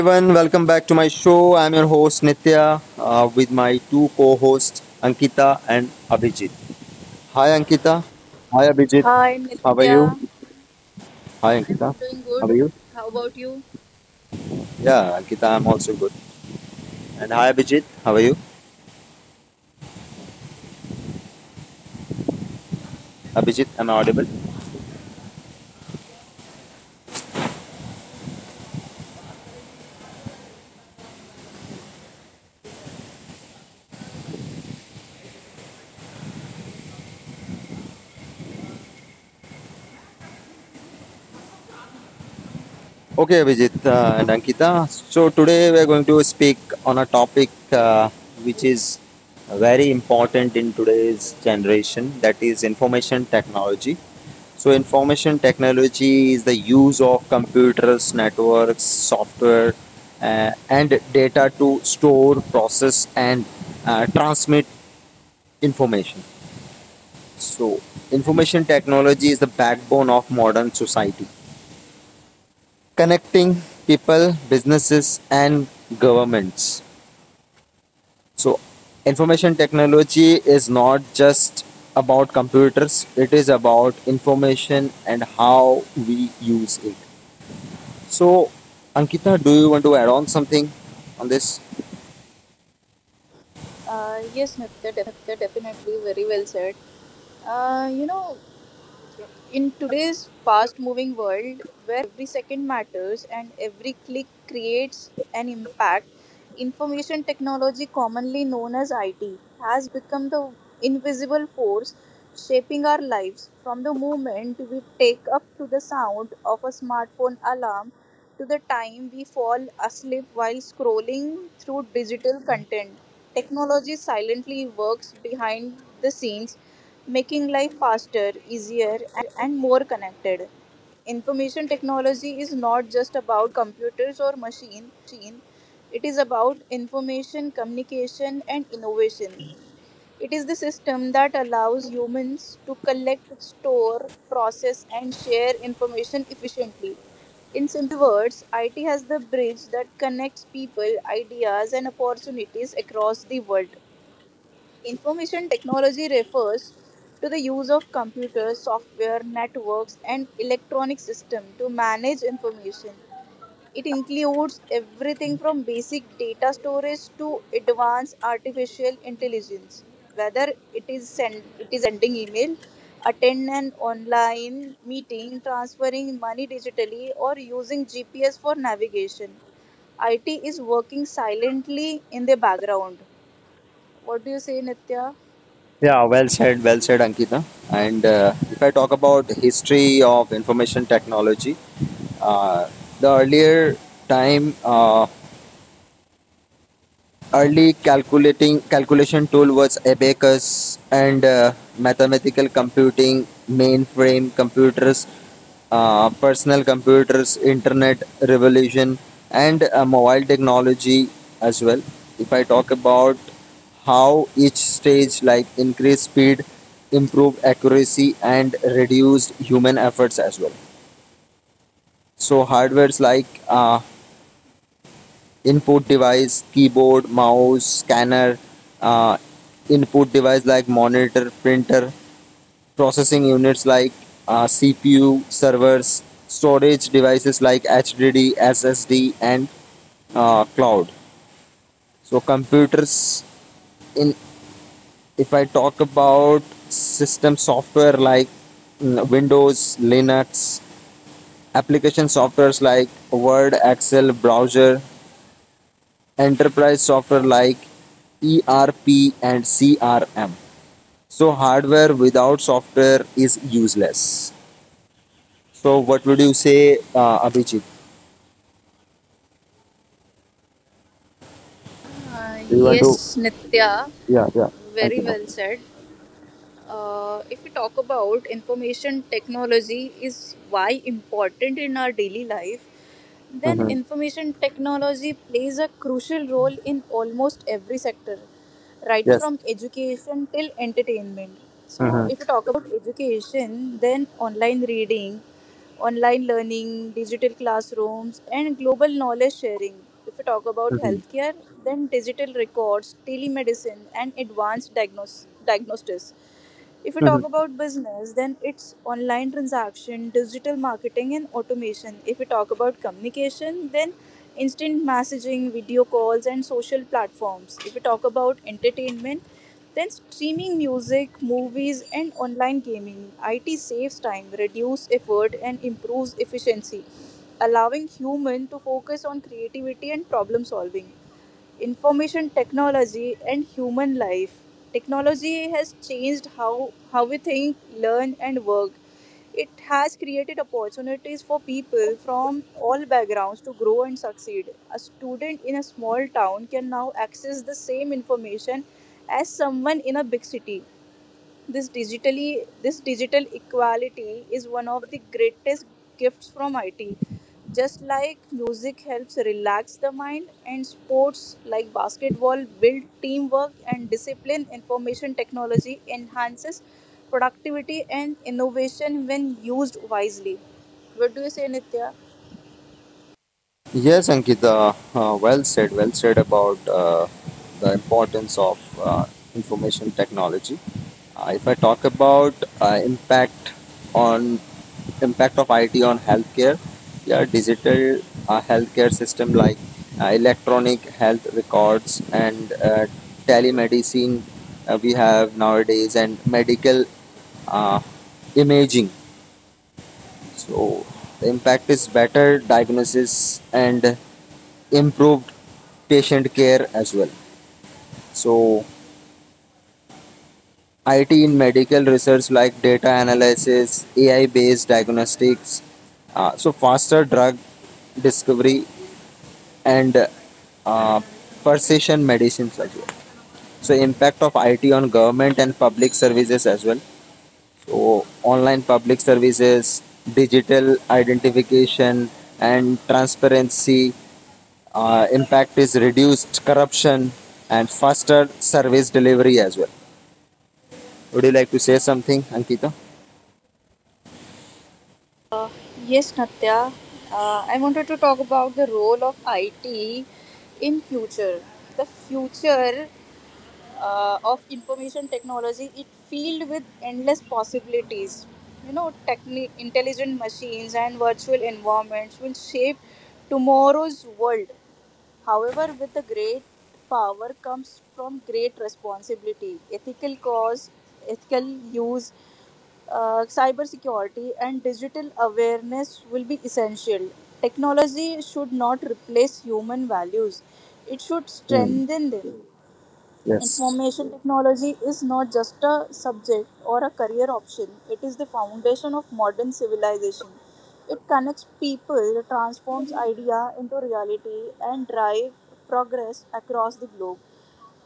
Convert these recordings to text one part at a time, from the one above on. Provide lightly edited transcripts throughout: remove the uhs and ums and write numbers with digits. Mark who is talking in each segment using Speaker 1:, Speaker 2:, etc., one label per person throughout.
Speaker 1: everyone, welcome back to my show. I'm your host Nitya with my two co-hosts Ankita and Abhijit. Hi Ankita. Hi Abhijit.
Speaker 2: Hi
Speaker 1: How are you?
Speaker 2: Nitya,
Speaker 1: Hi Ankita.
Speaker 2: I'm doing good.
Speaker 1: How are you?
Speaker 2: How about you?
Speaker 1: Yeah, Ankita, I'm also good. And hi Abhijit. How are you? Abhijit, am I audible? Okay, Abhijit and Ankita. So, today we are going to speak on a topic which is very important in today's generation, that is information technology. So, information technology is the use of computers, networks, software, and data to store, process, and transmit information. So, information technology is the backbone of modern society, connecting people, businesses, and governments. So, information technology is not just about computers, it is about information and how we use it. So, Ankita, do you want to add on something on this?
Speaker 2: Yes, Nitya, definitely very well said. Uh, you know, in today's fast moving world where every second matters and every click creates an impact, information technology, commonly known as IT, has become the invisible force shaping our lives from the moment we take up to the sound of a smartphone alarm to the time we fall asleep while scrolling through digital content. Technology silently works behind the scenes, making life faster, easier, and more connected. Information technology is not just about computers or machine, it is about information, communication, and innovation. It is the system that allows humans to collect, store, process, and share information efficiently. In simple words, IT has the bridge that connects people, ideas, and opportunities across the world. Information technology refers to the use of computers, software, networks, and electronic systems to manage information. It includes everything from basic data storage to advanced artificial intelligence. Whether it is an sending email, attend an online meeting, transferring money digitally, or using GPS for navigation. IT is working silently in the background. What do you say, Nitya?
Speaker 1: Yeah, well said, Ankita. And if I talk about history of information technology, uh, the earlier time Early calculating calculation tool was abacus and mathematical computing, mainframe computers, personal computers, internet revolution, and mobile technology as well. If I talk about how each stage like increased speed, improved accuracy, and reduced human efforts as well. So hardwares like input device, keyboard, mouse, scanner, uh, input device like monitor, printer, processing units like CPU, servers, storage devices like HDD, SSD, and cloud. So computers in if I talk about system software like Windows, Linux, application softwares like Word, Excel, browser, enterprise software like ERP and CRM. So hardware without software is useless. So what would you say, Abhijit?
Speaker 2: Uh,
Speaker 1: Do you want to?
Speaker 2: yes, Nitya,
Speaker 1: Yeah, yeah. Thank you,
Speaker 2: very well
Speaker 1: doctor.
Speaker 2: said. If we talk about information technology is why important in our daily life, then
Speaker 1: Hmm.
Speaker 2: information technology plays a crucial role in almost every sector, right
Speaker 1: Yes.
Speaker 2: from education till entertainment. So,
Speaker 1: Hmm.
Speaker 2: if you talk about education, then online reading, online learning, digital classrooms, and global knowledge sharing. If we talk about
Speaker 1: Hmm.
Speaker 2: healthcare, then digital records, telemedicine, and advanced diagnostics. If we talk
Speaker 1: Hmm.
Speaker 2: about business, then it's online transaction, digital marketing, and automation. If we talk about communication, then instant messaging, video calls, and social platforms. If we talk about entertainment, then streaming music, movies, and online gaming. IT saves time, reduces effort, and improves efficiency, allowing human to focus on creativity and problem solving. Information technology and human life: technology has changed how we think, learn and work. It has created opportunities for people from all backgrounds to grow and succeed. A student in a small town can now access the same information as someone in a big city. This digital equality is one of the greatest gifts from IT. Just like music helps relax the mind and sports like basketball build teamwork and discipline, information technology enhances productivity and innovation when used wisely. What do you say, Nitya?
Speaker 1: Yes, Ankita, well said about the importance of information technology. If I talk about uh, impact on impact of IT on healthcare, yeah, digital healthcare system like electronic health records and telemedicine we have nowadays, and medical uh, imaging. So the impact is better diagnosis and improved patient care as well. So, IT in medical research like data analysis, AI based diagnostics, so faster drug discovery, and uh, precision medicines as well. So, impact of IT on government and public services as well. So, online public services, digital identification, and transparency, impact is reduced corruption and faster service delivery as well. Would you like to say something, Ankita?
Speaker 2: Yes, Natya. I wanted to talk about the role of IT in future. The future of information technology it filled with endless possibilities. Intelligent machines and virtual environments will shape tomorrow's world. However, with the great power comes from great responsibility, ethical use, cybersecurity and digital awareness will be essential. Technology should not replace human values, it should
Speaker 1: Hmm.
Speaker 2: strengthen them.
Speaker 1: Yes.
Speaker 2: Information technology is not just a subject or a career option, it is the foundation of modern civilization. It connects people, transforms idea into reality, and drive progress across the globe.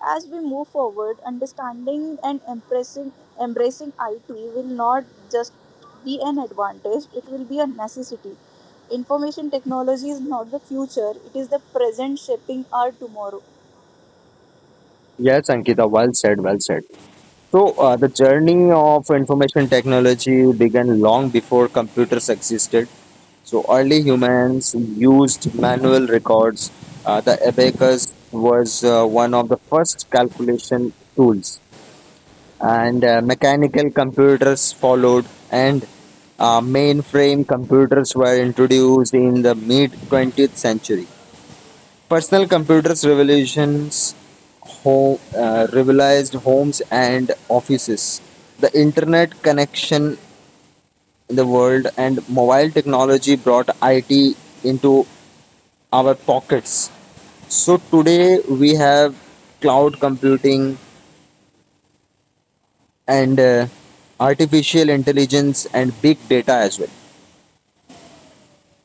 Speaker 2: As we move forward, understanding and embracing IT will not just be an advantage, it will be a necessity. Information technology is not the future, it is the present shaping our tomorrow.
Speaker 1: Yes, Ankita, well said, well said. So, the journey of information technology began long before computers existed. So, early humans used manual records. The abacus was one of the first calculation tools, and mechanical computers followed, and mainframe computers were introduced in the mid 20th century. Personal computers revolutionized homes and offices, the internet connection in the world, and mobile technology brought it into our pockets. So today we have cloud computing and artificial intelligence and big data as well.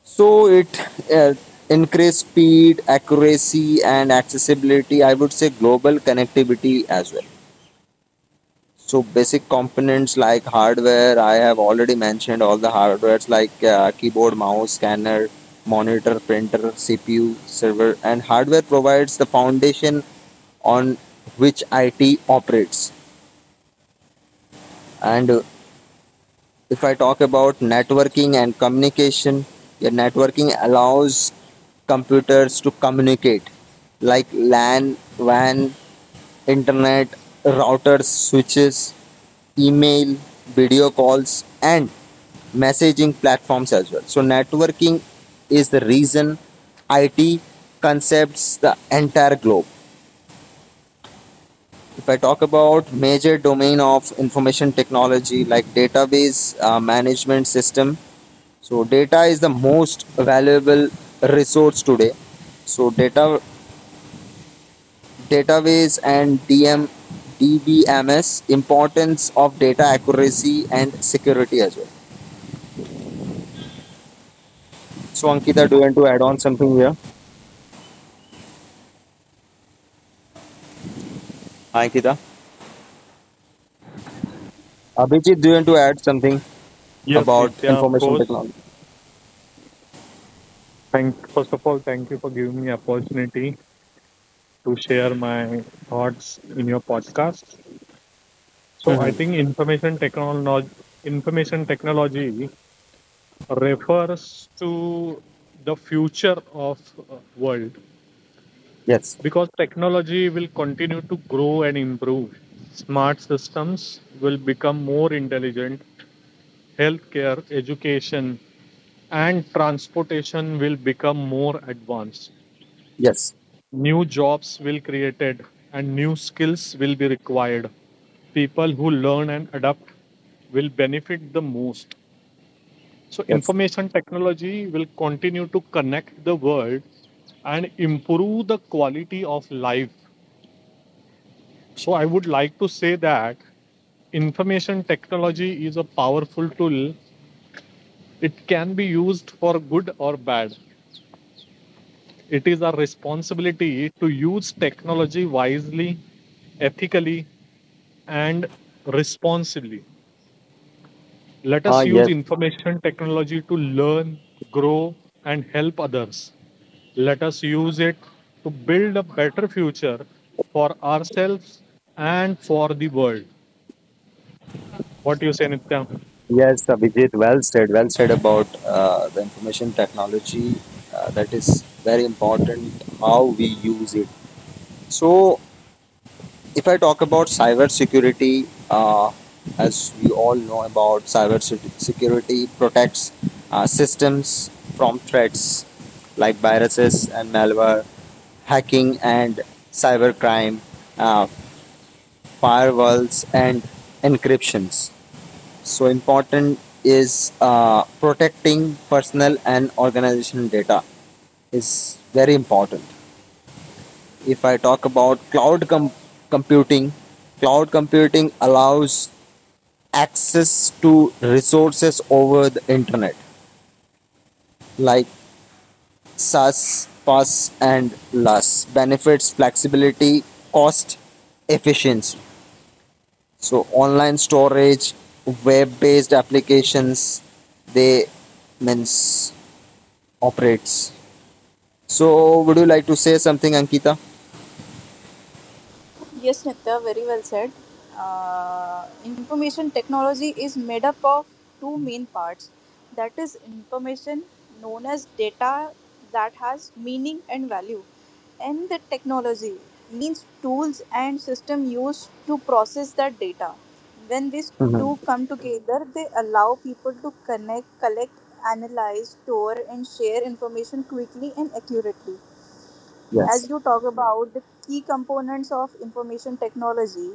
Speaker 1: So it increase speed, accuracy, and accessibility. I would say global connectivity as well. So basic components like hardware, I have already mentioned all the hardwares like keyboard, mouse, scanner, monitor, printer, CPU, server, and hardware provides the foundation on which IT operates. And if I talk about networking and communication, yeah, networking allows computers to communicate like LAN, WAN, internet, routers, switches, email, video calls, and messaging platforms as well. So, networking is the reason IT concepts the entire globe. If I talk about major domain of information technology like database management system. So data is the most valuable resource today. So data, database, and DM DBMS, importance of data accuracy and security as well. So Ankita, do you want to add on something here? Hi, Ankita. Abhijit, do you want to add something
Speaker 3: Yes,
Speaker 1: about
Speaker 3: Nitya, of
Speaker 1: information
Speaker 3: course.
Speaker 1: technology?
Speaker 3: Thank first of all, Thank you for giving me opportunity to share my thoughts in your podcast. So I
Speaker 1: Hmm.
Speaker 3: think information technology refers to the future of world
Speaker 1: Yes,
Speaker 3: because technology will continue to grow and improve. Smart systems will become more intelligent. Healthcare, education, and transportation will become more advanced.
Speaker 1: yes,
Speaker 3: New jobs will created and new skills will be required. People who learn and adapt will benefit the most. So
Speaker 1: yes.
Speaker 3: information technology will continue to connect the world and improve the quality of life. So I would like to say that information technology is a powerful tool. It can be used for good or bad. It is our responsibility to use technology wisely, ethically, and responsibly. Let
Speaker 1: Ah,
Speaker 3: us use
Speaker 1: yes,
Speaker 3: information technology to learn, grow, and help others. Let us use it to build a better future for ourselves and for the world. What do you say, Nitya?
Speaker 1: yes, Abhijit, well said about the information technology. That is very important how we use it. So, if I talk about cybersecurity, as you all know, about cybersecurity protects systems from threats like viruses and malware, hacking and cybercrime, uh, firewalls and encryptions. So important is protecting personal and organization data is very important. If I talk about computing, cloud computing allows access to resources over the internet, like SAS, PAS, and LAS. Benefits flexibility, cost efficiency. So, online storage, web based applications, they means operates. So, would you like to say something, Ankita?
Speaker 2: Yes, Nitya, very well said. Information technology is made up of two main parts, that is, information known as data that has meaning and value, and the technology means tools and system used to process that data. When these
Speaker 1: Mhm.
Speaker 2: two come together, they allow people to connect, collect, analyze, store, and share information quickly and accurately.
Speaker 1: Yes.
Speaker 2: As you talk about the key components of information technology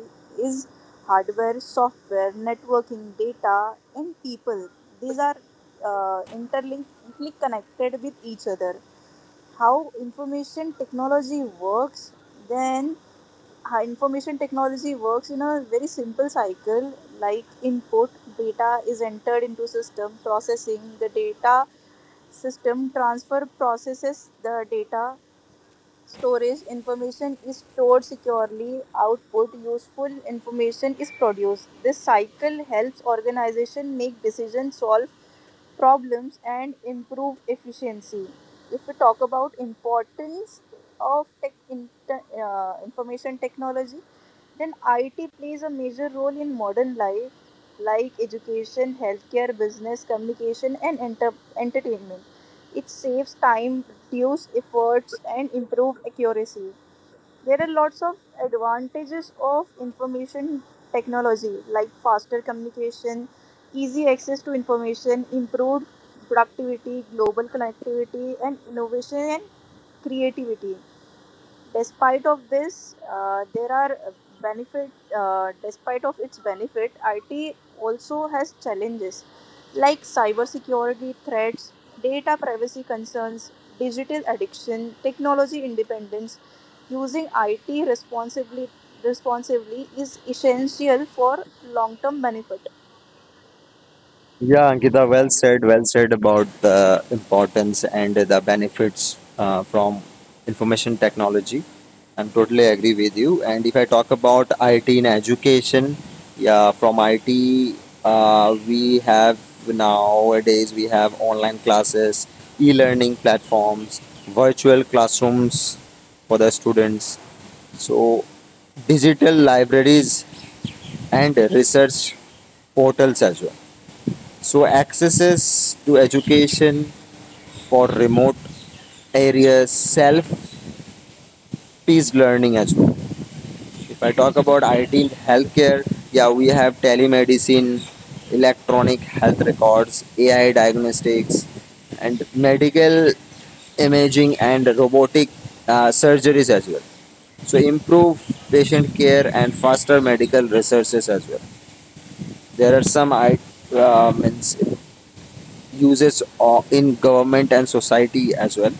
Speaker 2: is hardware, software, networking, data and people. These are interlinked, connected with each other. How information technology works, then how information technology works in a very simple cycle like input: data is entered into system. Processing: the data system transfer processes the data. Storage: information is stored securely. Output: useful information is produced. This cycle helps organization make decisions, solve problems and improve efficiency. If we talk about importance of tech in, information technology, then it plays a major role in modern life like education, healthcare, business, communication, and entertainment. It saves time, reduces efforts, and improves accuracy. There are lots of advantages of information technology, like faster communication, easy access to information, improved productivity, global connectivity, and innovation and creativity. Despite of this, there are benefit despite of its benefit, it also has challenges like cybersecurity threats, data privacy concerns, digital addiction, technology independence. Using it responsibly is essential for long term benefit.
Speaker 1: Yeah, Ankita, well said about the importance and the benefits from information technology. I'm totally agree with you. And if I talk about IT in education, yeah, from IT, uh, we have we have online classes, e-learning platforms, virtual classrooms for the students. So digital libraries and research portals as well. So, accesses to education for remote areas, self paced learning as well. If I talk about ideal healthcare, yeah, we have telemedicine, electronic health records, AI diagnostics, and medical imaging and robotic surgeries as well. So, improve patient care and faster medical resources as well. There are some I, means uses in government and society as well.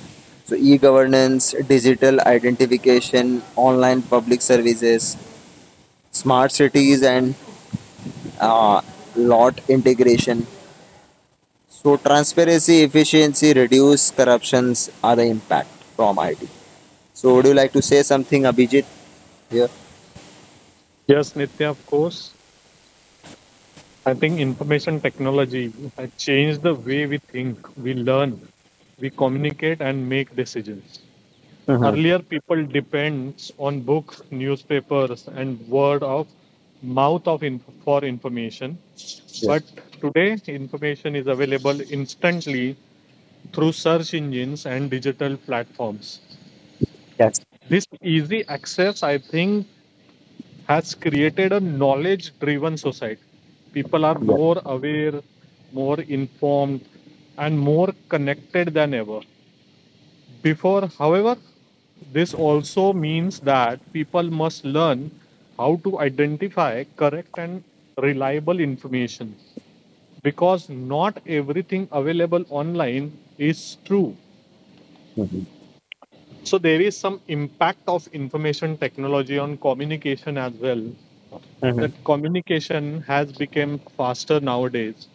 Speaker 1: So, e governance, digital identification, online public services, smart cities, and uh, lot integration. So, transparency, efficiency, reduce corruptions are the impact from IT. So, would you like to say something, Abhijit, here?
Speaker 3: Yes, Nitya, of course. I think information technology has changed the way we think, we learn, we communicate, and make decisions.
Speaker 1: Mm-hmm.
Speaker 3: Earlier, people depends on books, newspapers, and word of mouth for information.
Speaker 1: Yes.
Speaker 3: But today, information is available instantly through search engines and digital platforms.
Speaker 1: Yes.
Speaker 3: This easy access, I think, has created a knowledge-driven society. People are
Speaker 1: Yes.
Speaker 3: more aware, more informed, and more connected than ever before. However, this also means that people must learn how to identify correct and reliable information, because not everything available online is true.
Speaker 1: Mm-hmm.
Speaker 3: So, there is some impact of information technology on communication as well. That
Speaker 1: Mm-hmm.
Speaker 3: communication has become faster nowadays.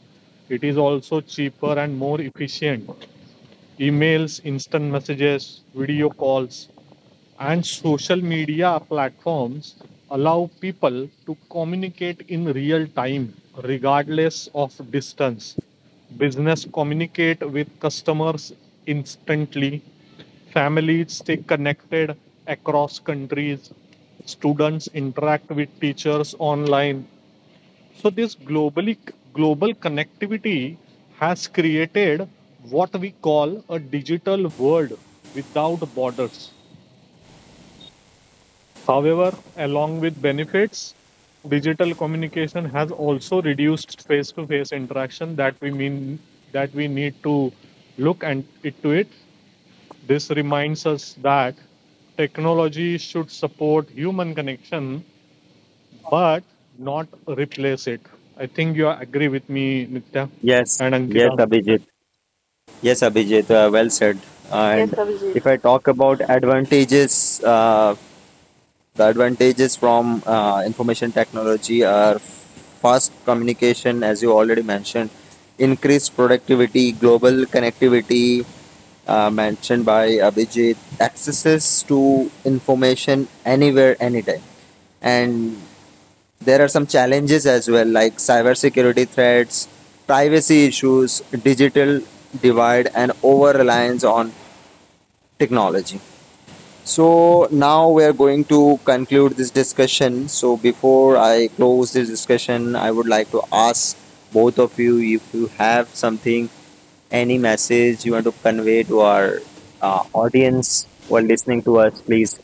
Speaker 3: It is also cheaper and more efficient. Emails, instant messages, video calls, and social media platforms allow people to communicate in real time regardless of distance. Business communicate with customers instantly. Families stay connected across countries. Students interact with teachers online. So this global connectivity has created what we call a digital world without borders. However, along with benefits, digital communication has also reduced face-to-face interaction, that we mean that we need to look and into it. This reminds us that technology should support human connection but not replace it. I think you agree with me, Nitya
Speaker 1: Yes.
Speaker 3: and
Speaker 1: Yes,
Speaker 3: Ankita.
Speaker 1: Abhijit. Yes, Abhijit, well said.
Speaker 2: Yes,
Speaker 1: And
Speaker 2: Abhijit.
Speaker 1: if I talk about advantages, the advantages from information technology are fast communication, as you already mentioned, increased productivity, global connectivity, mentioned by Abhijit, accesses to information anywhere, anytime. And there are some challenges as well, like cybersecurity threats, privacy issues, digital divide, and over reliance on technology. So, now we are going to conclude this discussion. So, before I close this discussion, I would like to ask both of you if you have something, any message you want to convey to our audience who are listening to us, please,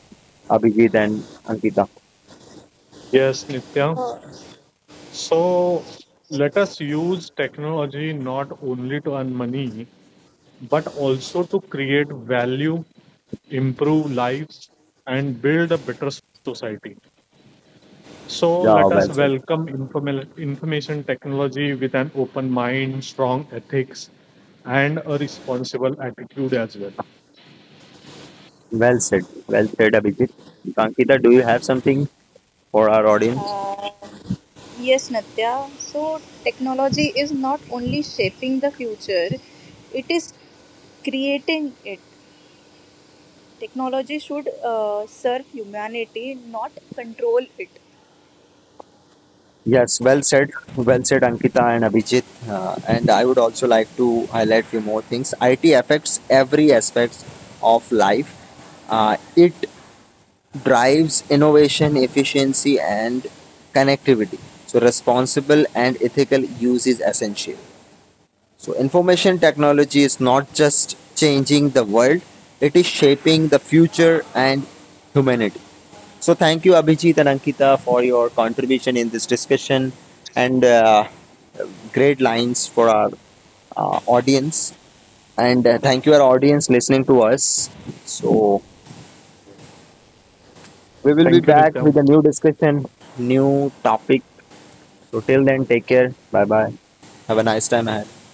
Speaker 1: Abhijit and Ankita.
Speaker 3: Yes, Nitya.
Speaker 2: Uh,
Speaker 3: So let us use technology not only to earn money but also to create value, improve lives, and build a better society. So
Speaker 1: Yeah,
Speaker 3: let us
Speaker 1: well said.
Speaker 3: welcome informal information technology with an open mind, strong ethics, and a responsible attitude as well.
Speaker 1: Well said. Well said, Abhijit. Ankita, do you have something for our audience?
Speaker 2: Uh, yes, Natya. So, technology is not only shaping the future, it is creating it. Technology should serve humanity, not control it.
Speaker 1: Yes, well said. Well said, Ankita and Abhijit. And I would also like to highlight few more things. IT affects every aspect of life. It drives innovation, efficiency, and connectivity. So, responsible and ethical use is essential. So, information technology is not just changing the world; it is shaping the future and humanity. So thank you, Abhijit and Ankita, for your contribution in this discussion and great lines for our audience. And thank you, our audience, listening to us. So we will be
Speaker 3: Thank you,
Speaker 1: back
Speaker 3: Nitya.
Speaker 1: with a new discussion, new topic. So till then, take care. Bye bye. Have a nice time ahead.